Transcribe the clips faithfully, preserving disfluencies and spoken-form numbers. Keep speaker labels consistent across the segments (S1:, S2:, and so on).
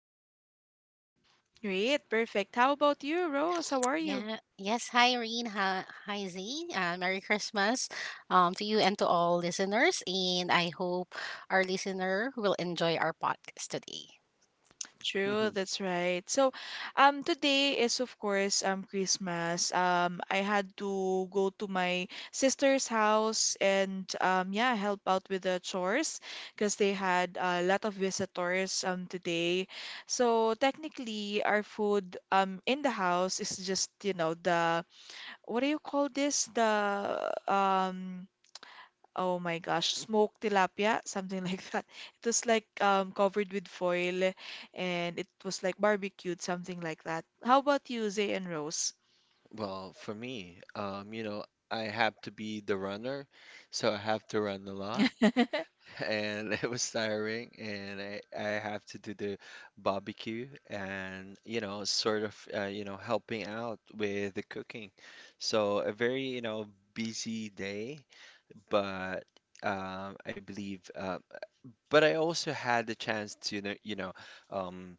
S1: all.
S2: Great, perfect. How about you, Rose? How are you?
S3: Yeah. Yes. Hi, Irene. Hi, hi Z. Uh, Merry Christmas, um, to you and to all listeners. And I hope our listener will enjoy our podcast today.
S2: True, that's right. So, um, today is of course um Christmas. Um, I had to go to my sister's house and um yeah help out with the chores because they had a lot of visitors um today. So technically, our food um in the house is just you know the what do you call this the um Oh my gosh, smoked tilapia, something like that. It was like um, covered with foil and it was like barbecued, something like that. How about you, Zay and Rose?
S1: Well, for me, um, you know, I have to be the runner, so I have to run a lot, and it was tiring, and I, I have to do the barbecue and, you know, sort of, uh, you know, helping out with the cooking. So a very, you know, busy day, but um, I believe, uh, but I also had the chance to, you know, you know, um,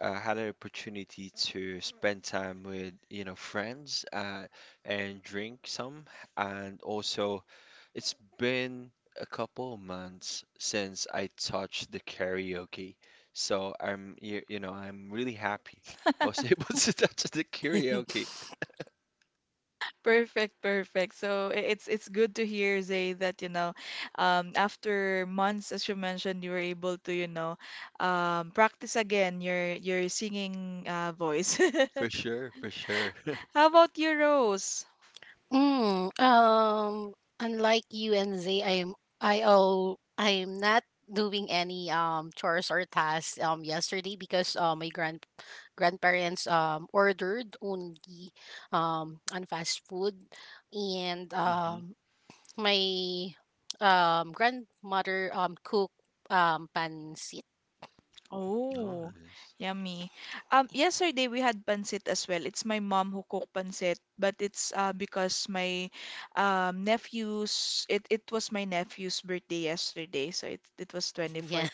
S1: I had an opportunity to spend time with, you know, friends uh, and drink some. And also, it's been a couple of months since I touched the karaoke. So I'm, you, you know, I'm really happy I was able to touch the karaoke.
S2: Perfect, perfect. So i- it's it's good to hear, Zay, that you know, um, after months, as you mentioned, you were able to, you know, um, practice again your your singing uh, voice.
S1: For sure, for sure.
S2: How about you, Rose?
S3: mm, um, Unlike you and Z, I am I all I'm not doing any um chores or tasks um yesterday, because uh, my grand grandparents um ordered only um on fast food, and
S1: Hmm.
S3: um my um grandmother um cook um pancit.
S2: Oh,
S1: Nice.
S2: yummy. Um, yesterday we had pancit as well. It's my mom who cooked pancit, but it's uh because my um nephew's it it was my nephew's birthday yesterday, so it it was
S3: Yeah.
S2: twenty-fourth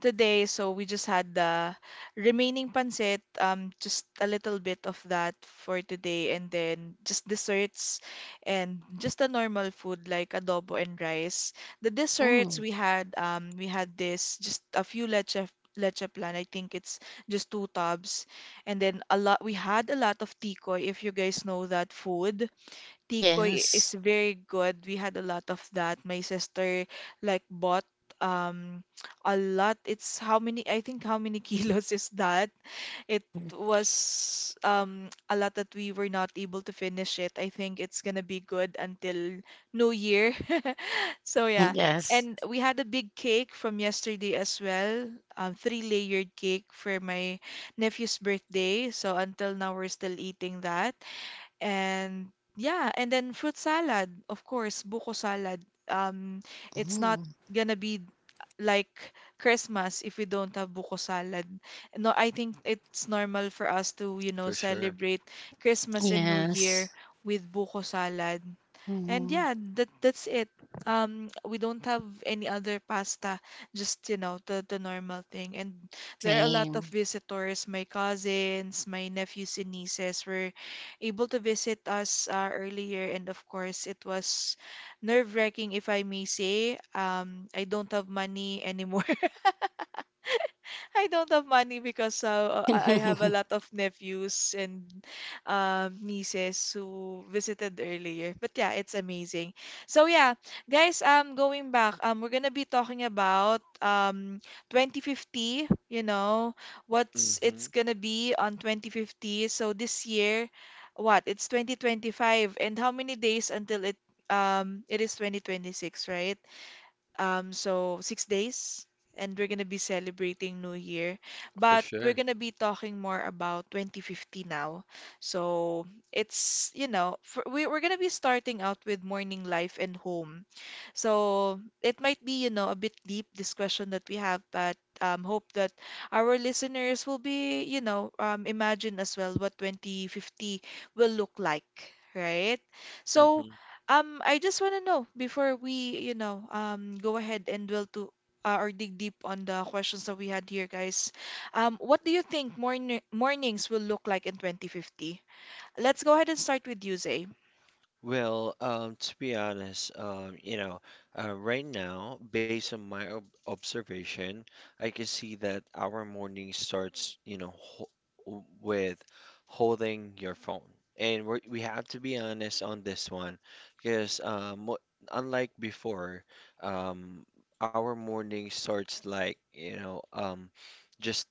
S2: today, so we just had the remaining pancit, um, just a little bit of that for today, and then just desserts and just a normal food like adobo and rice. The desserts
S3: Mm.
S2: we had, um, we had this just a few leche leche plan. I think it's just two tubs, and then a lot. We had a lot of tikoy, if you guys know that food. Tikoy
S3: Yes.
S2: is very good. We had a lot of that. My sister like bought um a lot. It's how many, I think how many kilos is that? It
S3: Mhm.
S2: was um a lot that we were not able to finish it. I think it's gonna be good until New Year. So yeah.
S3: Yes.
S2: And we had a big cake from yesterday as well. Um, three-layered cake for my nephew's birthday. So until now we're still eating that. And yeah, and then fruit salad, of course, buko salad. Um, it's not
S3: Mm.
S2: gonna be like Christmas if we don't have buko salad. No, I think it's normal for us to, you know,
S1: For sure.
S2: celebrate Christmas and New
S3: Yes.
S2: Year with buko salad. And
S3: Mhm.
S2: yeah, that that's it. Um, we don't have any other pasta, just you know the the normal thing. And there are a lot of
S3: Same.
S2: visitors. My cousins, my nephews and nieces were able to visit us uh, earlier, and of course it was nerve-wracking, if I may say. Um, I don't have money anymore. I don't have money because uh, I I have a lot of nephews and um, nieces who visited earlier. But yeah, it's amazing. So yeah, guys, um, going back, um, we're gonna be talking about um twenty fifty. You know, what's
S1: Hmm.
S2: it's gonna be on twenty fifty. So this year, what? It's twenty twenty-five, and how many days until it um it is twenty twenty-six, right? Um, so six days, and we're gonna be celebrating New Year,
S1: For
S2: but we're
S1: sure.
S2: gonna be talking more about twenty fifty now. So it's, you know, for, we, we're gonna be starting out with morning life and home. So it might be, you know, a bit deep, this question that we have, but um, hope that our listeners will be, you know, um, imagine as well what twenty fifty will look like, right? So
S1: Hmm.
S2: um, I just want to know before we, you know, um, go ahead and dwell to uh, or dig deep on the questions that we had here, guys. Um, what do you think morning mornings will look like in twenty fifty? Let's go ahead and start with you, Zay.
S1: Well, um, to be honest, um, you know, uh, right now, based on my ob observation, I can see that our morning starts, you know, ho with holding your phone. And we we have to be honest on this one, because um, mo- unlike before, um, our morning starts like, you know, um, just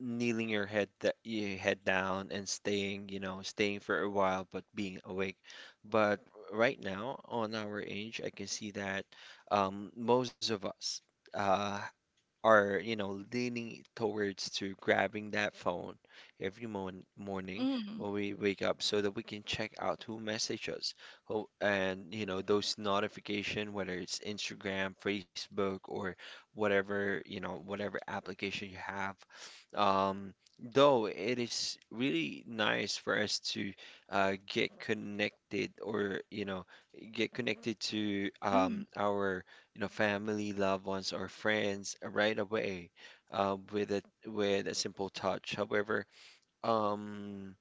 S1: kneeling your head that your head down and staying, you know, staying for a while but being awake. But right now, on our age, I can see that um, most of us uh, are, you know, leaning towards to grabbing that phone every mon morning
S2: Mm,
S1: when we wake up so that we can check out who messaged us. Who and, you know, those notification, whether it's Instagram, Facebook, or whatever, you know, whatever application you have. Um, though it is really nice for us to uh, get connected or, you know, get connected to
S2: mm,
S1: um, our you know, family, loved ones, or friends right away, uh, with a with a simple touch. However, um,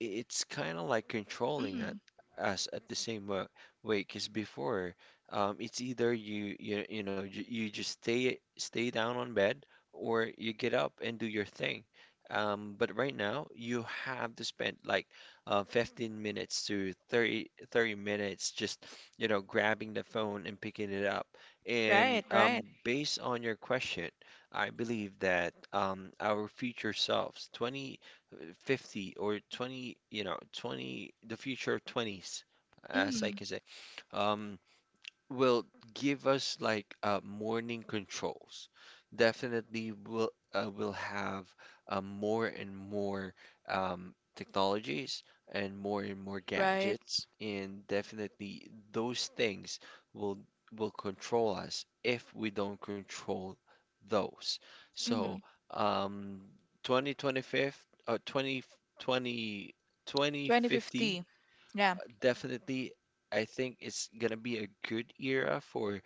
S1: it's kind of like controlling it
S2: mm.
S1: us at the same wa- way, because before, um, it's either you you you know you, you just stay stay down on bed or you get up and do your thing, um, but right now you have to spend like uh, fifteen minutes to thirty thirty minutes just you know grabbing the phone and picking it up, and
S2: Right,
S1: um,
S2: right.
S1: based on your question I believe that um, our future selves, twenty, uh, fifty, or twenty, you know, twenty, the future of twenties, as I
S2: Mm,
S1: can say. Um, will give us like uh, morning controls. Definitely will uh, will have uh, more and more um, technologies and more and more
S2: right.
S1: gadgets, and definitely those things will will control us if we don't control those. So,
S2: Mm.
S1: um, twenty twenty-five, uh, twenty twenty twenty fifty,
S2: twenty fifty. Yeah.
S1: definitely I think it's gonna be a good era for,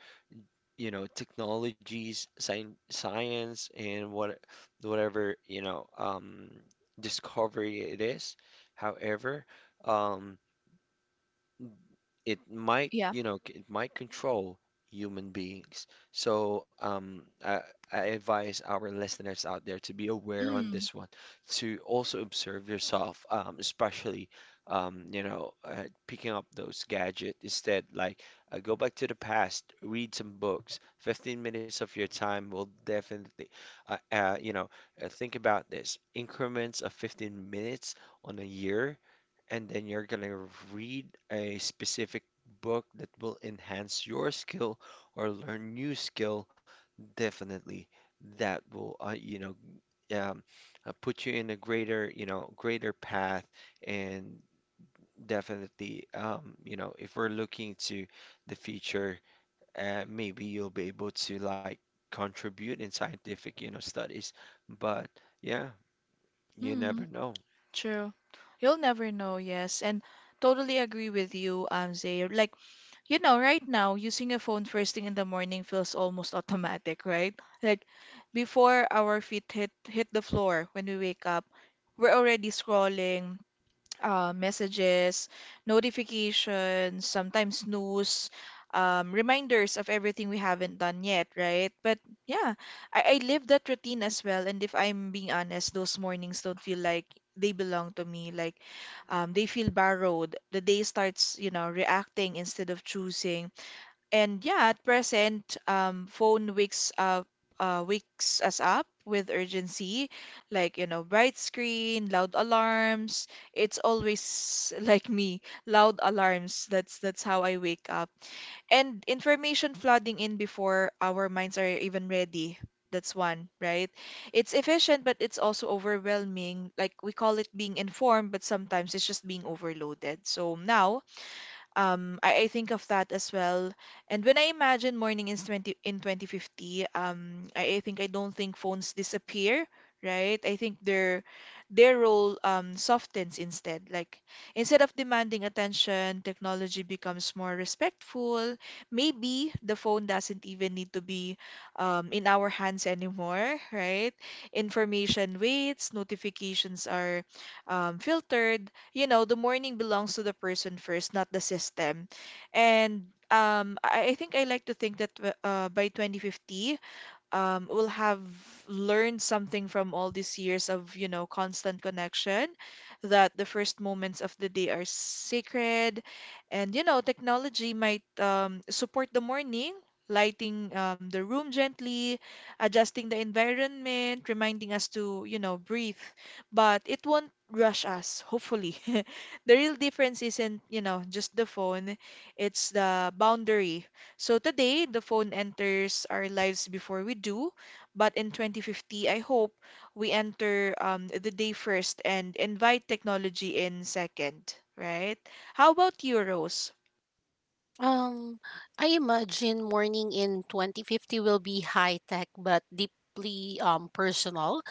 S1: you know, technologies, science, science, and what whatever, you know, um discovery it is. However, um it might
S2: Yeah.
S1: you know c- it might control human beings. So um I, I advise our listeners out there to be aware on
S2: Mm,
S1: this one, to also observe yourself, um, especially, um, you know uh, picking up those gadgets. Instead, like, uh, go back to the past, read some books. fifteen minutes of your time will definitely uh, uh, you know uh, think about this, increments of fifteen minutes on a year, and then you're gonna read a specific book that will enhance your skill or learn new skill. Definitely that will uh, you know um, uh, put you in a greater, you know greater path, and definitely, um, you know if we're looking to the future, uh, maybe you'll be able to like contribute in scientific, you know studies. But yeah, you
S2: mm.
S1: never know.
S2: True. You'll never know, yes. And totally agree with you, um, Zay. Like, you know, right now, using a phone first thing in the morning feels almost automatic, right? Like, before our feet hit hit the floor when we wake up, we're already scrolling, uh, messages, notifications, sometimes news, um, reminders of everything we haven't done yet, right? But yeah, I, I live that routine as well. And if I'm being honest, those mornings don't feel like they belong to me. Like um, they feel borrowed. The day starts, you know, reacting instead of choosing. And yeah, at present, um, phone wakes up, uh, wakes us up with urgency, like, you know, bright screen, loud alarms. It's always like me, loud alarms. That's that's how I wake up. And information flooding in before our minds are even ready. That's one, right? It's efficient, but it's also overwhelming. Like we call it being informed, but sometimes it's just being overloaded. So now, um, I, I think of that as well. And when I imagine morning in twenty, in twenty fifty, um, I, I think I don't think phones disappear, right? I think their their role um, softens instead. Like instead of demanding attention, technology becomes more respectful. Maybe the phone doesn't even need to be um, in our hands anymore, right? Information waits, notifications are um, filtered, you know, the morning belongs to the person first, not the system. And um, I I think I like to think that uh, by twenty fifty, um, will have learned something from all these years of, you know, constant connection, that the first moments of the day are sacred. And, you know, technology might um, support the morning, lighting um, the room gently, adjusting the environment, reminding us to, you know, breathe. But it won't rush us, hopefully. The real difference isn't, you know, just the phone, it's the boundary so today, the phone enters our lives before we do, but in twenty fifty, I hope we enter um, the day first and invite technology in second, right? How about you, Rose?
S3: Um, I imagine mourning in twenty fifty will be high tech but deeply um personal.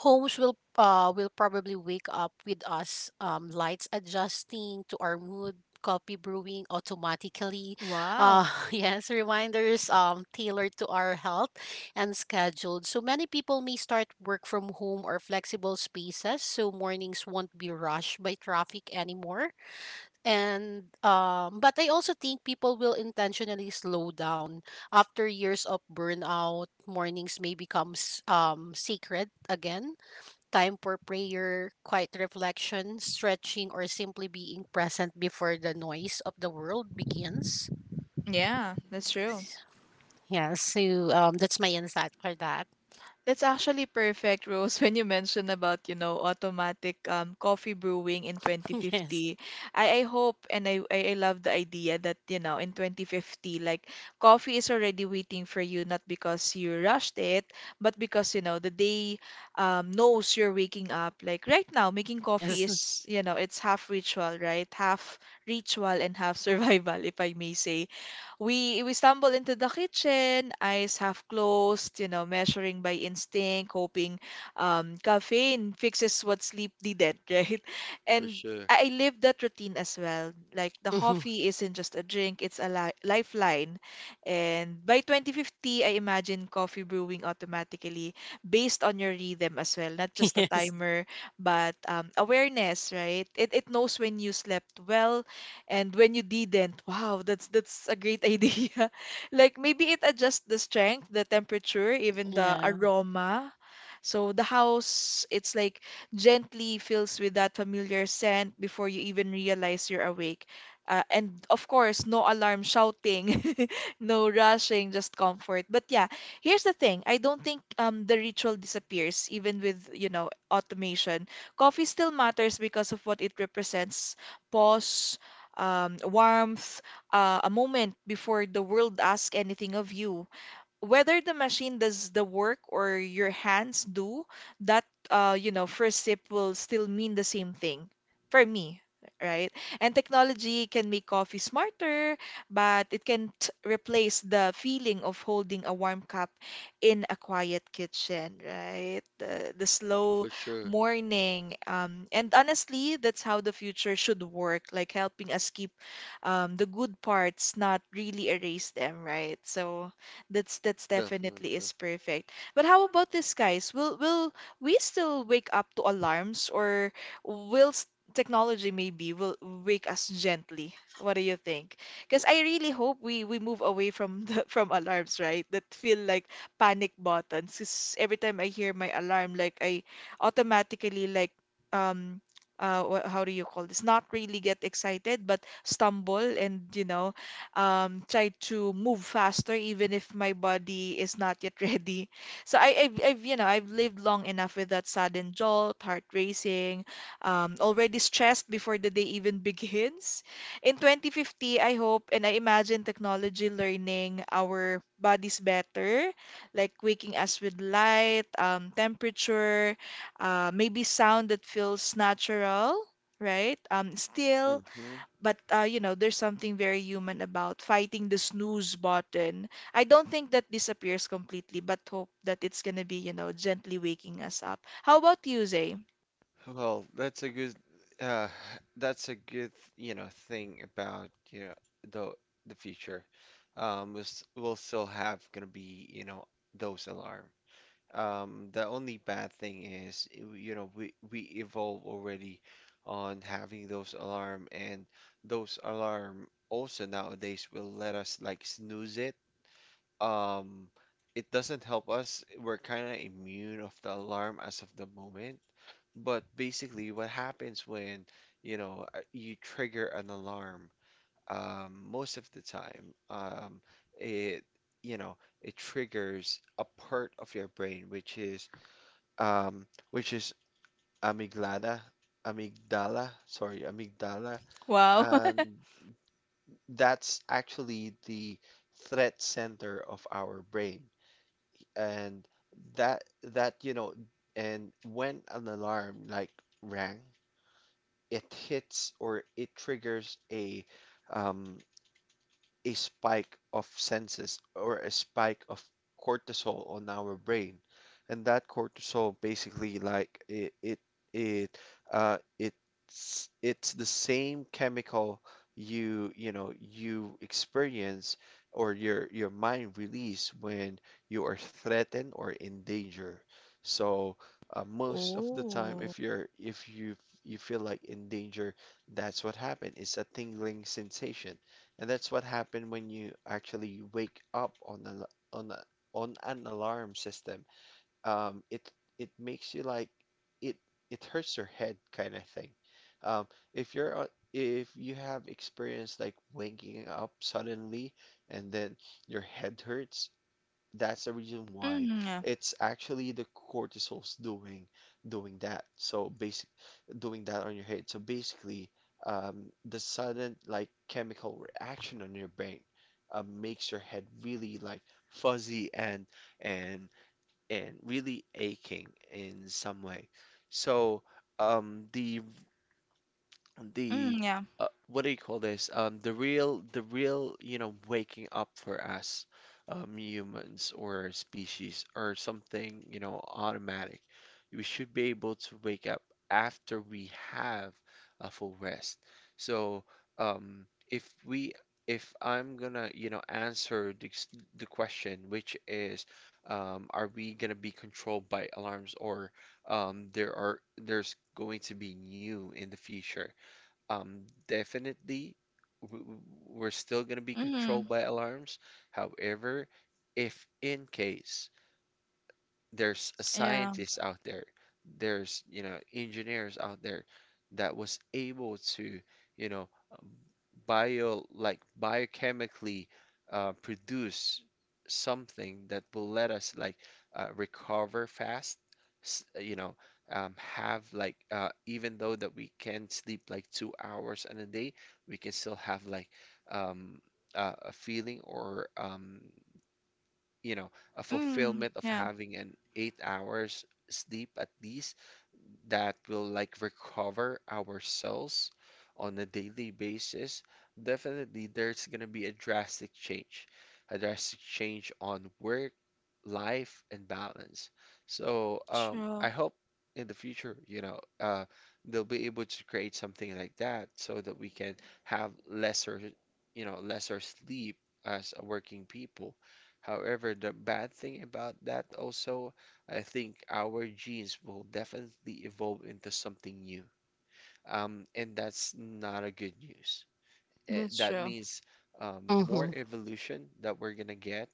S3: Homes will uh will probably wake up with us, um lights adjusting to our mood, coffee brewing automatically. Uh
S2: Wow.
S3: yes, reminders um tailored to our health and scheduled. So many people may start work from home or flexible spaces, so mornings won't be rushed by traffic anymore, and um, but I also think people will intentionally slow down after years of burnout. Mornings may become s- um sacred again. Time for prayer, quiet reflection, stretching, or simply being present before the noise of the world begins.
S2: Yeah, that's true.
S3: Yeah. So um, that's my insight for that.
S2: That's actually perfect, Rose, when you mentioned about, you know, automatic um, coffee brewing in
S3: Yes.
S2: twenty fifty. I, I hope and I, I I love the idea that, you know, in twenty fifty, like coffee is already waiting for you, not because you rushed it, but because, you know, the day um, knows you're waking up. Like right now, making coffee
S3: Yes.
S2: is, you know, it's half ritual, right? Half ritual and half survival, if I may say we we stumble into the kitchen, eyes half closed, you know, measuring by instinct, hoping um, caffeine fixes what sleep didn't, right?
S1: For
S2: And
S1: sure.
S2: I I live that routine as well. Like the coffee isn't just a drink, it's a li lifeline. And by twenty fifty, I imagine coffee brewing automatically based on your rhythm as well, not just a
S3: Yes.
S2: timer, but um, awareness, right? It, it knows when you slept well, and when you didn't, wow, that's that's a great idea. Like maybe it adjusts the strength, the temperature, even the
S3: Yeah.
S2: aroma so the house, it's like gently fills with that familiar scent before you even realize you're awake. Uh, and of course, no alarm shouting, no rushing, just comfort. But yeah, here's the thing. I don't think um the ritual disappears even with, you know, automation. Coffee still matters because of what it represents. Pause, um, warmth, uh, a moment before the world asks anything of you whether the machine does the work or your hands do, that uh, you know, first sip will still mean the same thing for me, right? And technology can make coffee smarter, but it can't replace the feeling of holding a warm cup in a quiet kitchen, right? The, the slow
S1: For sure.
S2: morning. Um, and honestly, that's how the future should work, like helping us keep um, the good parts, not really erase them, right? So that's that's definitely
S1: Definitely.
S2: is perfect. But how about this, guys? Will will we still wake up to alarms, or will s- technology maybe will wake us gently? What do you think? Because I really hope we we move away from the, from alarms, right? That feel like panic buttons. 'Cause every time I hear my alarm, like I automatically like um. Uh, wha- how do you call this? Not really get excited, but stumble and you know um, try to move faster even if my body is not yet ready. So I, I've, I've, you know, I've lived long enough with that sudden jolt, heart racing, um, already stressed before the day even begins. In twenty fifty, I hope and I imagine technology learning our bodies better, like waking us with light, um, temperature, uh, maybe sound that feels natural, right? Um, still
S1: Hmm.
S2: but uh, you know, there's something very human about fighting the snooze button. I don't think that disappears completely, but hope that it's gonna be, you know, gently waking us up. How about you, Zay?
S1: Well, that's a good uh that's a good, you know, thing about, you know, the the future. Um we'll, s- we'll still have gonna be, you know, those alarm. Um the only bad thing is, y- you know, we we evolve already on having those alarm, and those alarm also nowadays will let us like snooze it. um it doesn't help us. We're kind of immune of the alarm as of the moment. But basically, what happens when, you know, uh, you trigger an alarm, um, most of the time, um, it, you know, it triggers a part of your brain, which is, um, which is amygdala, amygdala, sorry, amygdala,
S2: Wow.
S1: and that's actually the threat center of our brain, and that that you know and when an alarm like rang, it hits or it triggers a um a spike of senses or a spike of cortisol on our brain. And that cortisol basically, like, it it it uh it's it's the same chemical you, you know you experience, or your your mind release, when you are threatened or in danger. So uh, most of the time,
S2: Oh.
S1: if you're, if you you feel like in danger, that's what happened. It's a tingling sensation, and that's what happened when you actually wake up on a, on a, on an alarm system. Um, it it makes you like, it it hurts your head kind of thing. Um, if you're on- if you have experienced like waking up suddenly and then your head hurts, that's the reason why.
S2: Mm, yeah.
S1: It's actually the cortisol's doing doing that. So basic doing that on your head. So basically, um, the sudden like chemical reaction on your brain uh, makes your head really like fuzzy and and and really aching in some way. So um, the the
S2: Mm, yeah.
S1: uh, what do you call this? Um, the real, the real, you know, waking up for us, um, humans or species or something, you know, automatic. We should be able to wake up after we have a full rest. So, um, if we, if I'm gonna, you know, answer the, s- the question, which is, um, are we gonna be controlled by alarms, or, um, there are, there's going to be new in the future? Um, definitely, w- w- we're still going to be
S2: Mm,
S1: controlled by alarms. However, if in case, there's a
S2: yeah.
S1: scientist out there, there's, you know, engineers out there that was able to, you know, um, bio, like, biochemically uh, produce something that will let us like uh, recover fast, s- you know, um, have like, uh, even though that we can sleep like two hours in a day, we can still have like um, uh, a feeling, or um, you know, a
S2: Mm,
S1: fulfillment of
S2: yeah.
S1: having an eight hours sleep at least, that will like recover our cells on a daily basis. Definitely there's going to be a drastic change, a drastic change on work, life, and balance. So um,
S2: True.
S1: I hope in the future, you know, uh, they'll be able to create something like that so that we can have lesser, you know, lesser sleep as a working people. However, the bad thing about that also, I think our genes will definitely evolve into something new. Um, and that's not a good news. Eh,
S2: That's
S1: that
S2: true.
S1: means um, more
S3: Mm-hmm.
S1: evolution that we're gonna get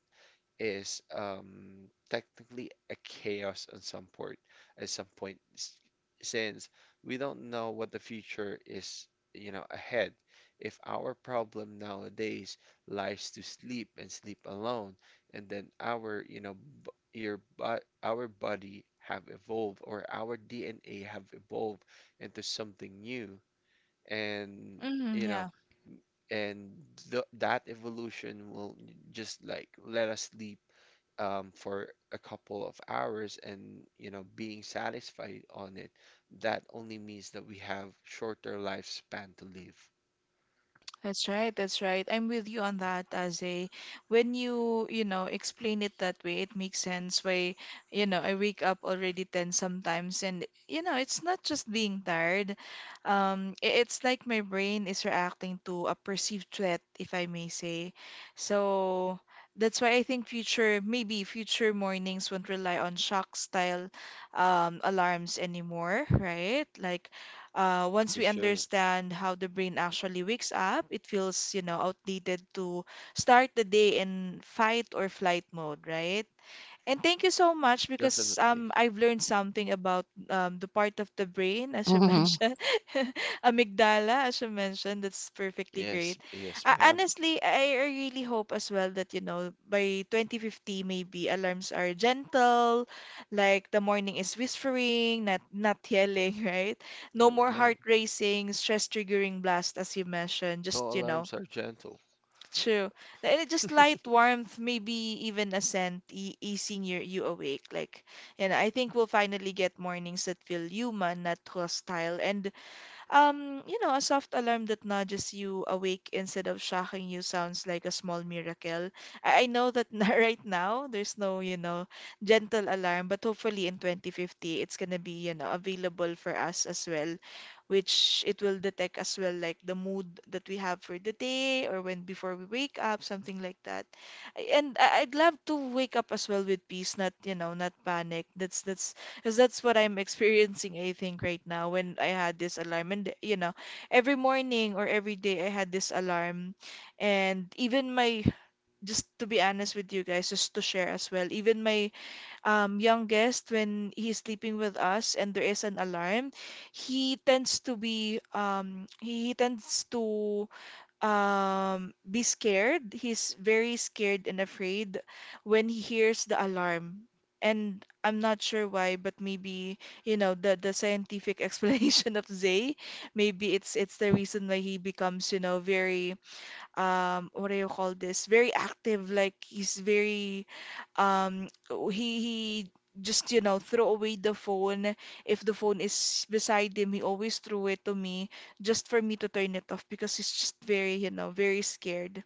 S1: is um, technically a chaos at some point, at some point, s- since we don't know what the future is, you know, ahead. If our problem nowadays lies to sleep and sleep alone, and then our, you know, b- your but our body have evolved, or our D N A have evolved into something new, and,
S2: Mm,
S1: you know,
S2: yeah.
S1: and th that evolution will just like let us sleep um, for a couple of hours and, you know, being satisfied on it, that only means that we have shorter lifespan to live.
S2: That's right, that's right. I'm with you on that, Aze. When you, you know, explain it that way, it makes sense why, you know, I wake up already ten sometimes and, you know, it's not just being tired. Um, i- it's like my brain is reacting to a perceived threat, if I may say. So that's why I think future, maybe future mornings won't rely on shock style um, alarms anymore, right? Like uh, once
S1: For
S2: we
S1: sure.
S2: understand how the brain actually wakes up, it feels, you know, outdated to start the day in fight or flight mode, right? And thank you so much because um
S1: Definitely.
S2: I've learned something about um the part of the brain as you
S3: Mm-hmm.
S2: mentioned, amygdala as you mentioned. That's perfectly great.
S1: Yes, yes,
S2: Uh,
S1: ma'am.
S2: honestly, I I really hope as well that you know by twenty fifty maybe alarms are gentle, like the morning is whispering, not not yelling, right? No
S1: No,
S2: more
S1: no.
S2: heart racing, stress triggering blast as you mentioned.
S1: No
S2: Just you know
S1: alarms are gentle.
S2: True. And it just light warmth, maybe even a scent, e easing your, you awake. Like, you know, I think we'll finally get mornings that feel human, not hostile. And um, you know, a soft alarm that nudges you awake instead of shocking you sounds like a small miracle. I, I know that right now there's no, you know, gentle alarm, but hopefully in twenty fifty it's gonna be, you know, available for us as well, which it will detect as well like the mood that we have for the day or when before we wake up, something like that. And I- I'd love to wake up as well with peace, not, you know, not panic. That's that's because that's what I'm experiencing, I think, right now when I had this alarm. And, you know, every morning or every day I had this alarm. And even my, just to be honest with you guys, just to share as well, even my um, youngest, when he's sleeping with us and there is an alarm, he tends to be, um, he tends to um, be scared. He's very scared and afraid when he hears the alarm. And I'm not sure why, but maybe, you know, the, the scientific explanation of Zay, maybe it's it's the reason why he becomes, you know, very um what do you call this? Very active, like he's very um he he just you know throw away the phone if the phone is beside him he always threw it to me just for me to turn it off because he's just very you know very scared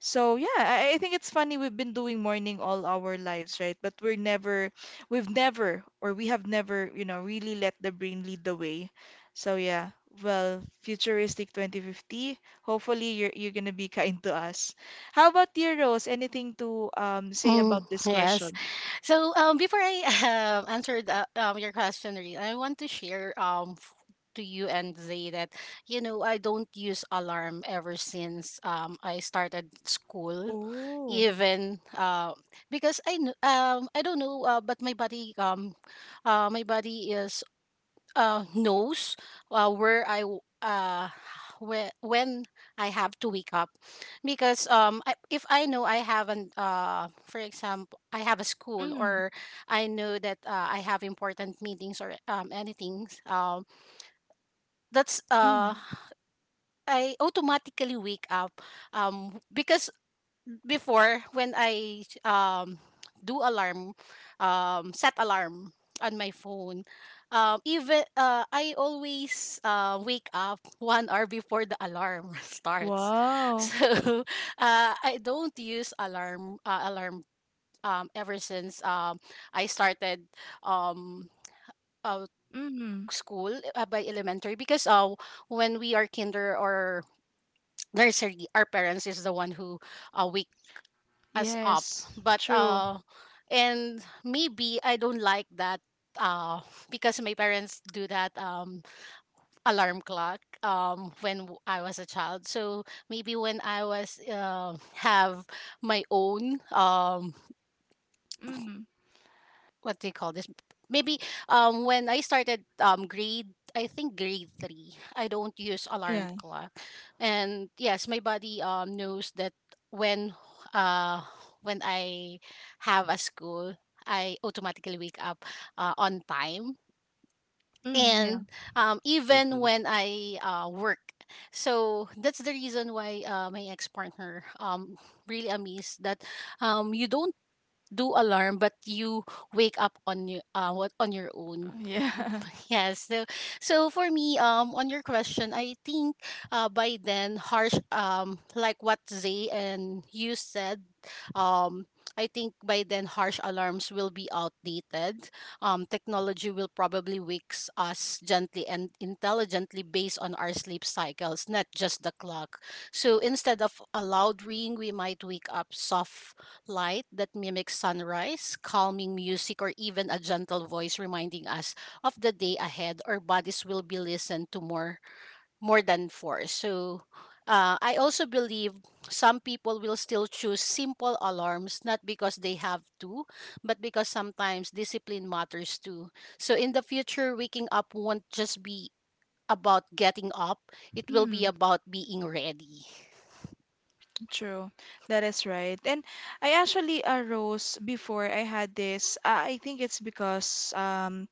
S2: so yeah, I, I think it's funny we've been doing morning all our lives, right? But we're never, we've never, or we have never, you know, really let the brain lead the way. So yeah, well, futuristic twenty fifty. Hopefully you're you're gonna be kind to us. How about you, Rose? Anything to um say
S3: Mm,
S2: about this
S3: yes.
S2: question?
S3: So um, before I um answer the, um, your question, Reed, I want to share um f- to you and Zay that, you know, I don't use alarm ever since um I started school.
S2: Oh,
S3: Even, uh, because I kn- um I don't know, uh, but my body, um uh, my body is, uh, knows, uh, where I w- uh, where, when I have to wake up, because, um, I, if I know I have an uh, for example, I have a school,
S2: mm,
S3: or I know that, uh, I have important meetings, or um, anything, um, that's uh,
S2: mm.
S3: I automatically wake up, um, because before when I um do alarm um set alarm on my phone, um even, uh, I always, uh, wake up one hour before the alarm starts,
S2: Wow.
S3: so, uh, I don't use alarm uh, alarm um ever since, um I started, um uh,
S2: Mm,
S3: school, uh, by elementary, because, uh when we are kinder or nursery, our parents is the one who, uh, wake us up.
S2: yes,
S3: But,
S2: true.
S3: uh and maybe I don't like that, uh because my parents do that, um alarm clock, um when w- I was a child. So maybe when I was, uh have my own, um
S2: Mm,
S3: what do you call this? Maybe, um when I started, um grade I think grade three, I don't use alarm
S2: yeah.
S3: clock. And yes, my body um knows that when, uh when I have a school, I automatically wake up, uh, on time.
S2: Mm, yeah.
S3: And um, even
S1: Mm-hmm.
S3: when I, uh, work, so that's the reason why, uh, my ex partner, um really amazed that, um you don't do alarm but you wake up on your, uh what on your own.
S2: Yeah.
S3: Yes. So so for me, um on your question, I think, uh by then harsh, um like what Zay and you said, um I think by then harsh alarms will be outdated. Um technology will probably wakes us gently and intelligently based on our sleep cycles, not just the clock. So instead of a loud ring, we might wake up soft light that mimics sunrise, calming music, or even a gentle voice reminding us of the day ahead. Our bodies will be listened to more more than four. So, uh, I also believe some people will still choose simple alarms, not because they have to, but because sometimes discipline matters too. So in the future, waking up won't just be about getting up, it will be
S2: Mm.
S3: about being ready.
S2: True, that is right. And I actually arose before I had this. Uh, I think it's because um,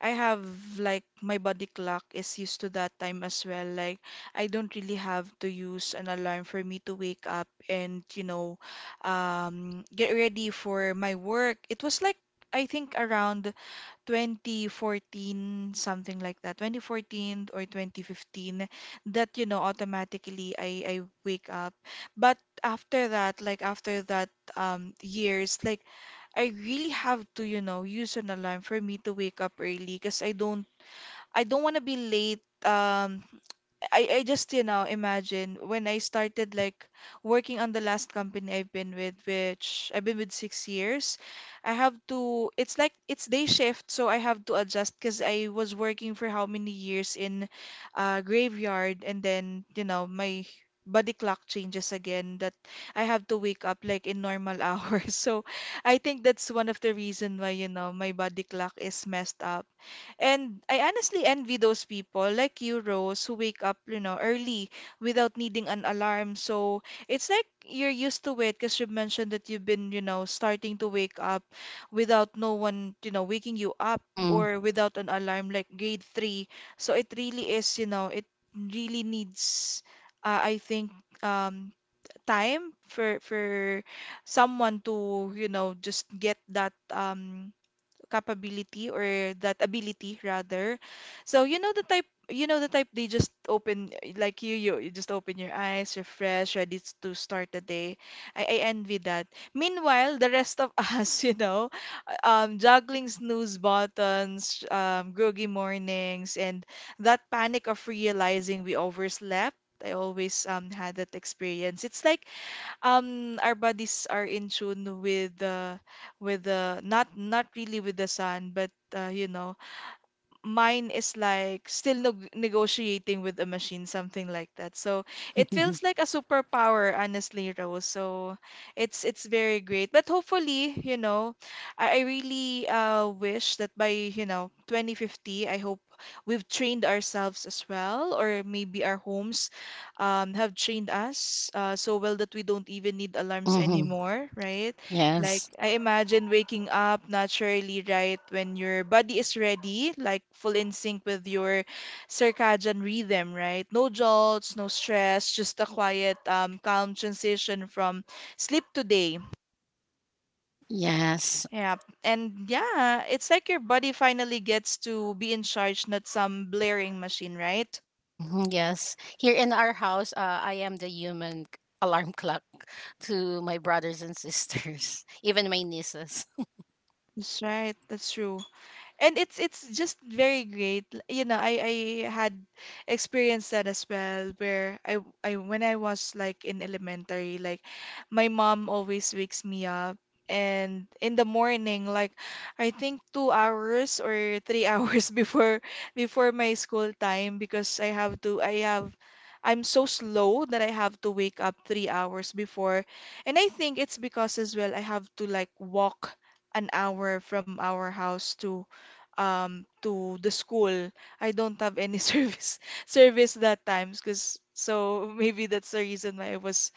S2: I have like my body clock is used to that time as well. Like I don't really have to use an alarm for me to wake up and you know um, get ready for my work. It was like I think around twenty fourteen, something like that, twenty fourteen or twenty fifteen, that, you know, automatically I, I wake up. But after that, like after that um, years, like I really have to, you know, use an alarm for me to wake up early because I don't I don't want to be late. Um, I, I just, you know, imagine when I started like working on the last company I've been with, which I've been with six years, I have to, it's like it's day shift, so I have to adjust because I was working for how many years in uh, graveyard, and then, you know, my body clock changes again that I have to wake up like in normal hours. So I think that's one of the reason why, you know, my body clock is messed up and I honestly envy those people like you, Rose, who wake up, you know, early without needing an alarm. So it's like you're used to it because you mentioned that you've been, you know, starting to wake up without no one, you know, waking you up
S3: hmm
S2: or without an alarm like grade three. So it really is, you know, it really needs, uh, I think, um, time for for someone to, you know, just get that um capability or that ability rather. So you know the type you know the type they just open like you you, you just open your eyes, refresh, ready s- to start the day. I, I envy that. Meanwhile, the rest of us, you know, um juggling snooze buttons, um groggy mornings and that panic of realizing we overslept. I always um had that experience. It's like um our bodies are in tune with the with the not not really with the sun but uh, you know mine is like still neg negotiating with a machine, something like that. So it feels like a superpower, honestly, Rose. So it's it's very great. But hopefully, you know, I, I really uh, wish that by, you know, twenty fifty, I hope we've trained ourselves as well, or maybe our homes um, have trained us uh, so well that we don't even need alarms
S3: hmm
S2: anymore, right? Like,
S3: Yes.
S2: I imagine waking up naturally right when your body is ready, like full in sync with your circadian rhythm, right? No jolts, no stress, just a quiet, um, calm transition from sleep to day.
S3: Yes.
S2: Yeah. And yeah, it's like your body finally gets to be in charge, not some blaring machine, right?
S3: Mhm, yes. Here in our house, uh, I am the human c- alarm clock to my brothers and sisters, even my nieces.
S2: That's right. That's true. And it's it's just very great. L- you know i i had experienced that as well where I w- I when I was like in elementary like my mom always wakes me up and in the morning like I think two hours or three hours before before my school time because i have to i have i'm so slow that I have to wake up three hours before and I think it's because as well I have to like walk an hour from our house to um to the school. I don't have any service service that times because so maybe that's the reason why I was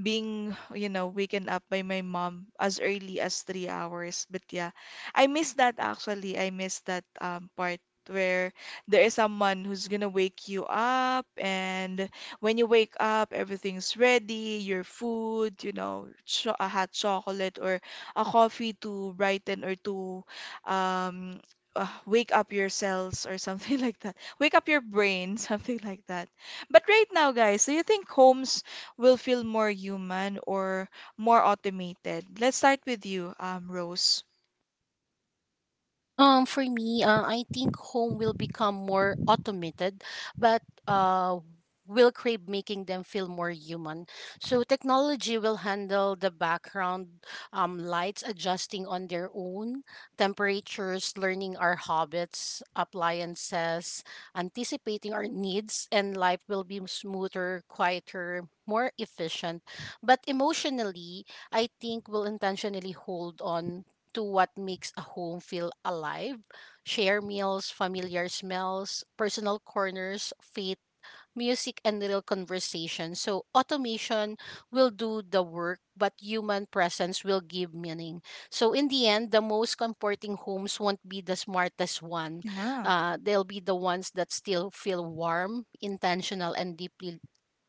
S2: being, you know, waken up by my mom as early as three hours. But yeah, I miss that actually. I miss that um, part where there is someone who's gonna wake you up, and when you wake up, everything's ready, your food, you know, cho a hot chocolate or a coffee to brighten or to um, uh, wake up your cells or something like that. Wake up your brain, something like that. But right now, guys, do you think homes will feel more human or more automated? Let's start with you, um, Rose.
S3: Um, for me, uh, I think home will become more automated, but, uh, will crave making them feel more human. So technology will handle the background, um, lights adjusting on their own, temperatures, learning our habits, appliances, anticipating our needs, and life will be smoother, quieter, more efficient. But emotionally, I think we'll intentionally hold on to what makes a home feel alive: share meals, familiar smells, personal corners, faith, music, and little conversation. So automation will do the work, but human presence will give meaning. So, in the end, the most comforting homes won't be the smartest one.
S2: Yeah.
S3: Uh, they'll be the ones that still feel warm, intentional, and deeply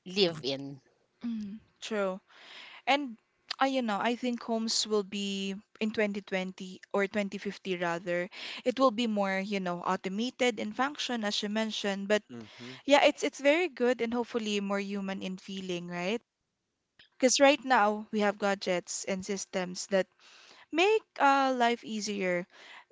S3: live in.
S2: Mm, true. And I, you know, I think homes will be in twenty twenty or twenty fifty rather. It will be more, you know, automated in function as you mentioned, but
S1: Mm-hmm.
S2: yeah, it's it's very good and hopefully more human in feeling, right? Because right now we have gadgets and systems that make uh, life easier.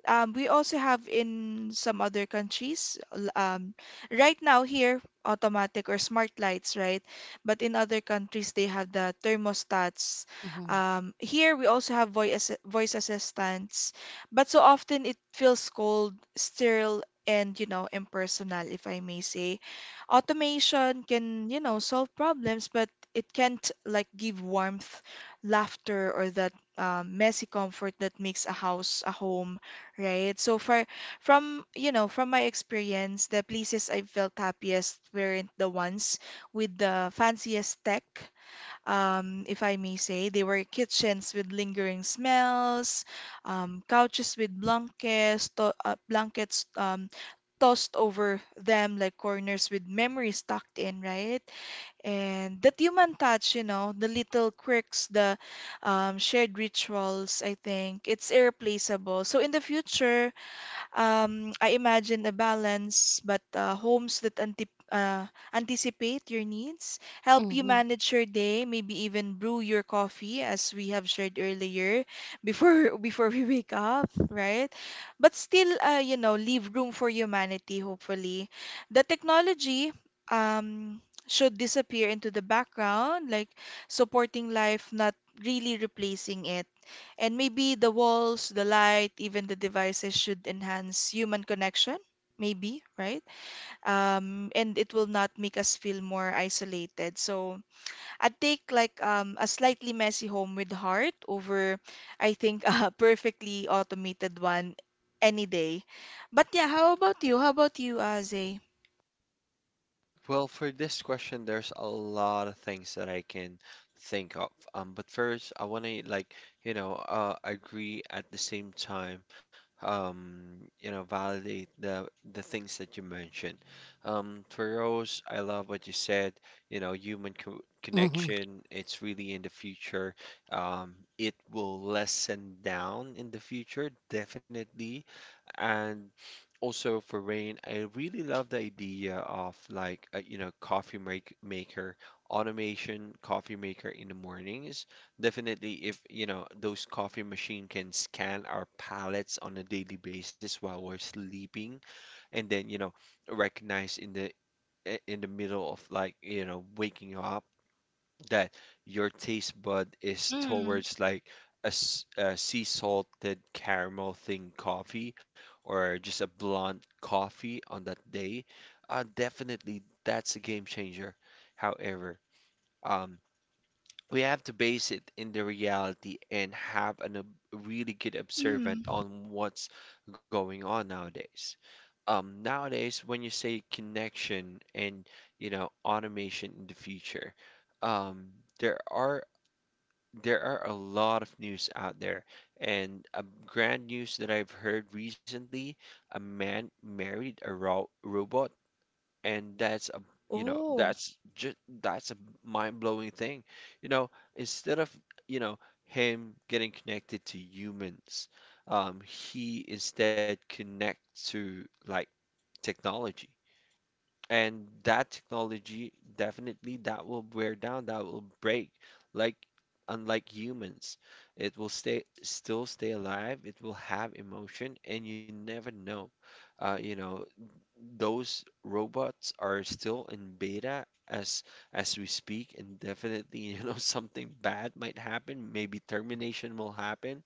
S2: Um, we also have in some other countries, l- um, right now here, automatic or smart lights, right? But in other countries, they have the thermostats.
S3: Mm-hmm.
S2: Um, here, we also have voice assi- voice assistants, but so often it feels cold, sterile, and you know, impersonal, if I may say. Automation can, you know, solve problems, but it can't like give warmth, laughter, or the um, messy comfort that makes a house a home, right? So for from you know from my experience, the places I felt happiest weren't the ones with the fanciest tech, um, if I may say. They were kitchens with lingering smells, um, couches with blankets, to- uh, blankets um, tossed over them like corners with memories tucked in, right? And that human touch, you know, the little quirks, the um, shared rituals, I think it's irreplaceable. So in the future, um, I imagine a balance, but uh, homes that anti uh, anticipate your needs, help you
S3: Mm-hmm.
S2: manage your day, maybe even brew your coffee, as we have shared earlier, before before we wake up, right? But still, uh, you know, leave room for humanity, hopefully. The technology, um, should disappear into the background, like supporting life, not really replacing it. And maybe the walls, the light, even the devices should enhance human connection, maybe, right? Um, and it will not make us feel more isolated. So I'd take like um, a slightly messy home with heart over, I think, a perfectly automated one any day. But yeah, how about you? How about you, Aze?
S1: Well, for this question, there's a lot of things that I can think of. Um, but first, I want to like, you know, uh, agree at the same time, um, you know, validate the the things that you mentioned. Um, for Rose, I love what you said. You know, human co
S3: Mm-hmm.
S1: connection, it's really in the future. Um, it will lessen down in the future, definitely. And also for Rain, I really love the idea of like a, you know coffee make maker, automation coffee maker in the mornings. Definitely, if, you know, those coffee machine can scan our palates on a daily basis while we're sleeping, and then you know recognize in the, i- in the middle of like, you know, waking up, that your taste bud is
S2: Mm,
S1: towards like a, s- a sea salted caramel thing coffee, or just a blonde coffee on that day, uh, definitely that's a game changer. However, um, we have to base it in the reality and have an, ob really good observant
S2: mm.
S1: on what's going on nowadays. Um, nowadays, when you say connection and you know automation in the future, um, there are there are a lot of news out there, and a grand news that I've heard recently, a man married a ro robot, and that's a you know
S2: Oh,
S1: that's just that's a mind-blowing thing, you know instead of, you know him getting connected to humans. Um, he instead connects to like technology, and that technology definitely, that will wear down, that will break, like unlike humans. It will stay still stay alive, it will have emotion, and you never know. uh, you know those robots are still in beta as as we speak, and definitely, you know, something bad might happen. Maybe termination will happen.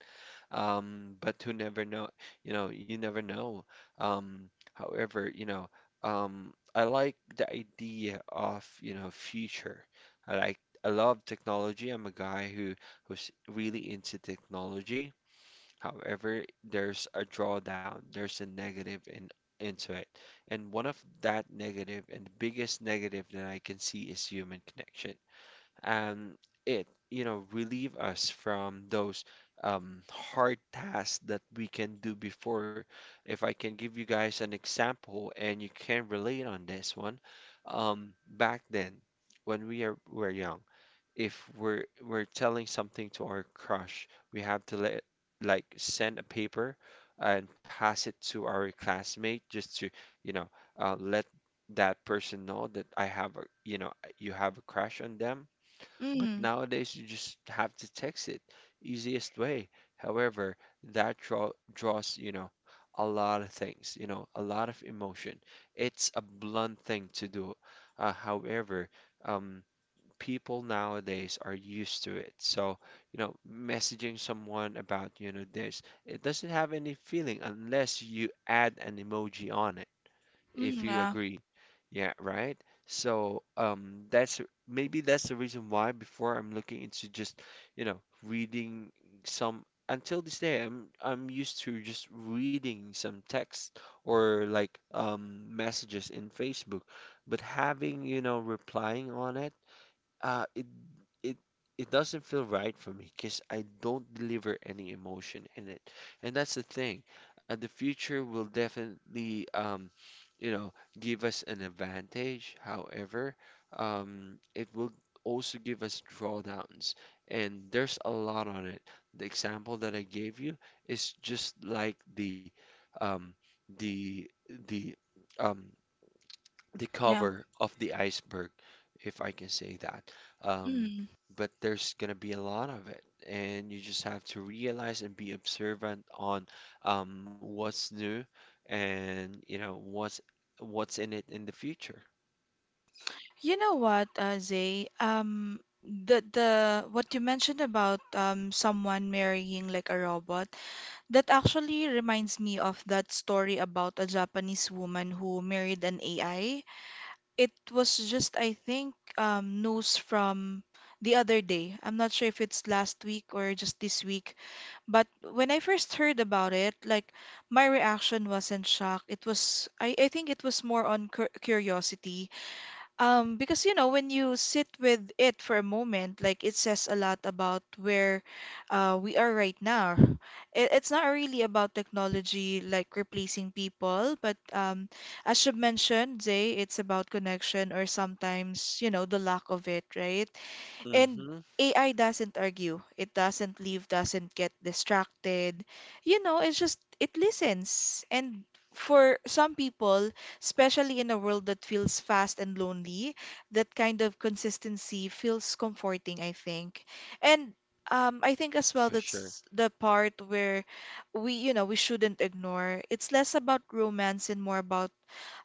S1: Um, but who never know, you know, you never know. Um, however, you know, um, I like the idea of, you know, future. I like I love technology. I'm a guy who who's really into technology. However, there's a drawdown, there's a negative in into it. And one of that negative, and the biggest negative that I can see, is human connection. And it, you know, relieve us from those um, hard tasks that we can do before. If I can give you guys an example and you can relate on this one, um, back then when we are, were young, if we're we're telling something to our crush, we have to let like send a paper and pass it to our classmate just to, you know, uh, let that person know that I have a, you know, you have a crush on them. But
S2: mm,
S1: nowadays, you just have to text it, easiest way. However, that draw, draws, you know, a lot of things, you know, a lot of emotion. It's a blunt thing to do. Uh, however, um, people nowadays are used to it. So, you know, messaging someone about, you know, this, it doesn't have any feeling unless you add an emoji on it, if
S2: mm,
S1: you
S2: yeah,
S1: agree. Yeah, right? So, um, that's maybe that's the reason why before I'm looking into just, you know, reading some, until this day I'm I'm used to just reading some text, or like um messages in Facebook, but having, you know, replying on it uh, it it it doesn't feel right for me because I don't deliver any emotion in it, and that's the thing. Uh, the future will definitely, um, you know, give us an advantage. However, um, it will also give us drawdowns, and there's a lot on it. The example that I gave you is just like the um, the the um, the
S2: yeah.
S1: cover of the iceberg, if I can say that. Um,
S2: Mm.
S1: but there's gonna be a lot of it, and you just have to realize and be observant on um, what's new and you know what's what's in it in the future.
S2: You know what, uh, Zay? Um, the the what you mentioned about um someone marrying like a robot, that actually reminds me of that story about a Japanese woman who married an A I. It was just, I think, um, news from the other day. I'm not sure if it's last week or just this week, but when I first heard about it, like my reaction wasn't shock. It was, I, I think it was more on cur curiosity um, because you know, when you sit with it for a moment, like it says a lot about where uh, we are right now. It, it's not really about technology like replacing people, but um, as you mentioned, Zay, it's about connection or sometimes, you know, the lack of it, right? And
S1: Mm-hmm,
S2: A I doesn't argue. It doesn't leave, doesn't get distracted. You know, it's just, it listens. And for some people, especially in a world that feels fast and lonely, that kind of consistency feels comforting, I think. And um, I think as well
S1: for sure.
S2: that's the part where we, you know, we shouldn't ignore. It's less about romance and more about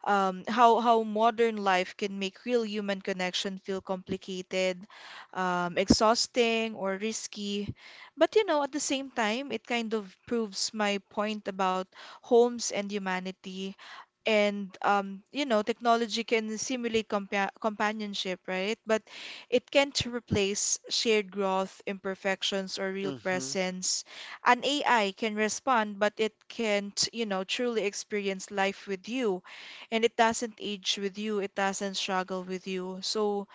S2: um, how how modern life can make real human connection feel complicated, um, exhausting, or risky. But you know, at the same time, it kind of proves my point about homes and humanity and um, you know, technology can simulate compa companionship, right? But it can't replace shared growth, imperfections, or real
S1: Mm-hmm,
S2: presence. An AI can respond, but it can't, you know, truly experience life with you. And it doesn't age with you, it doesn't struggle with you. So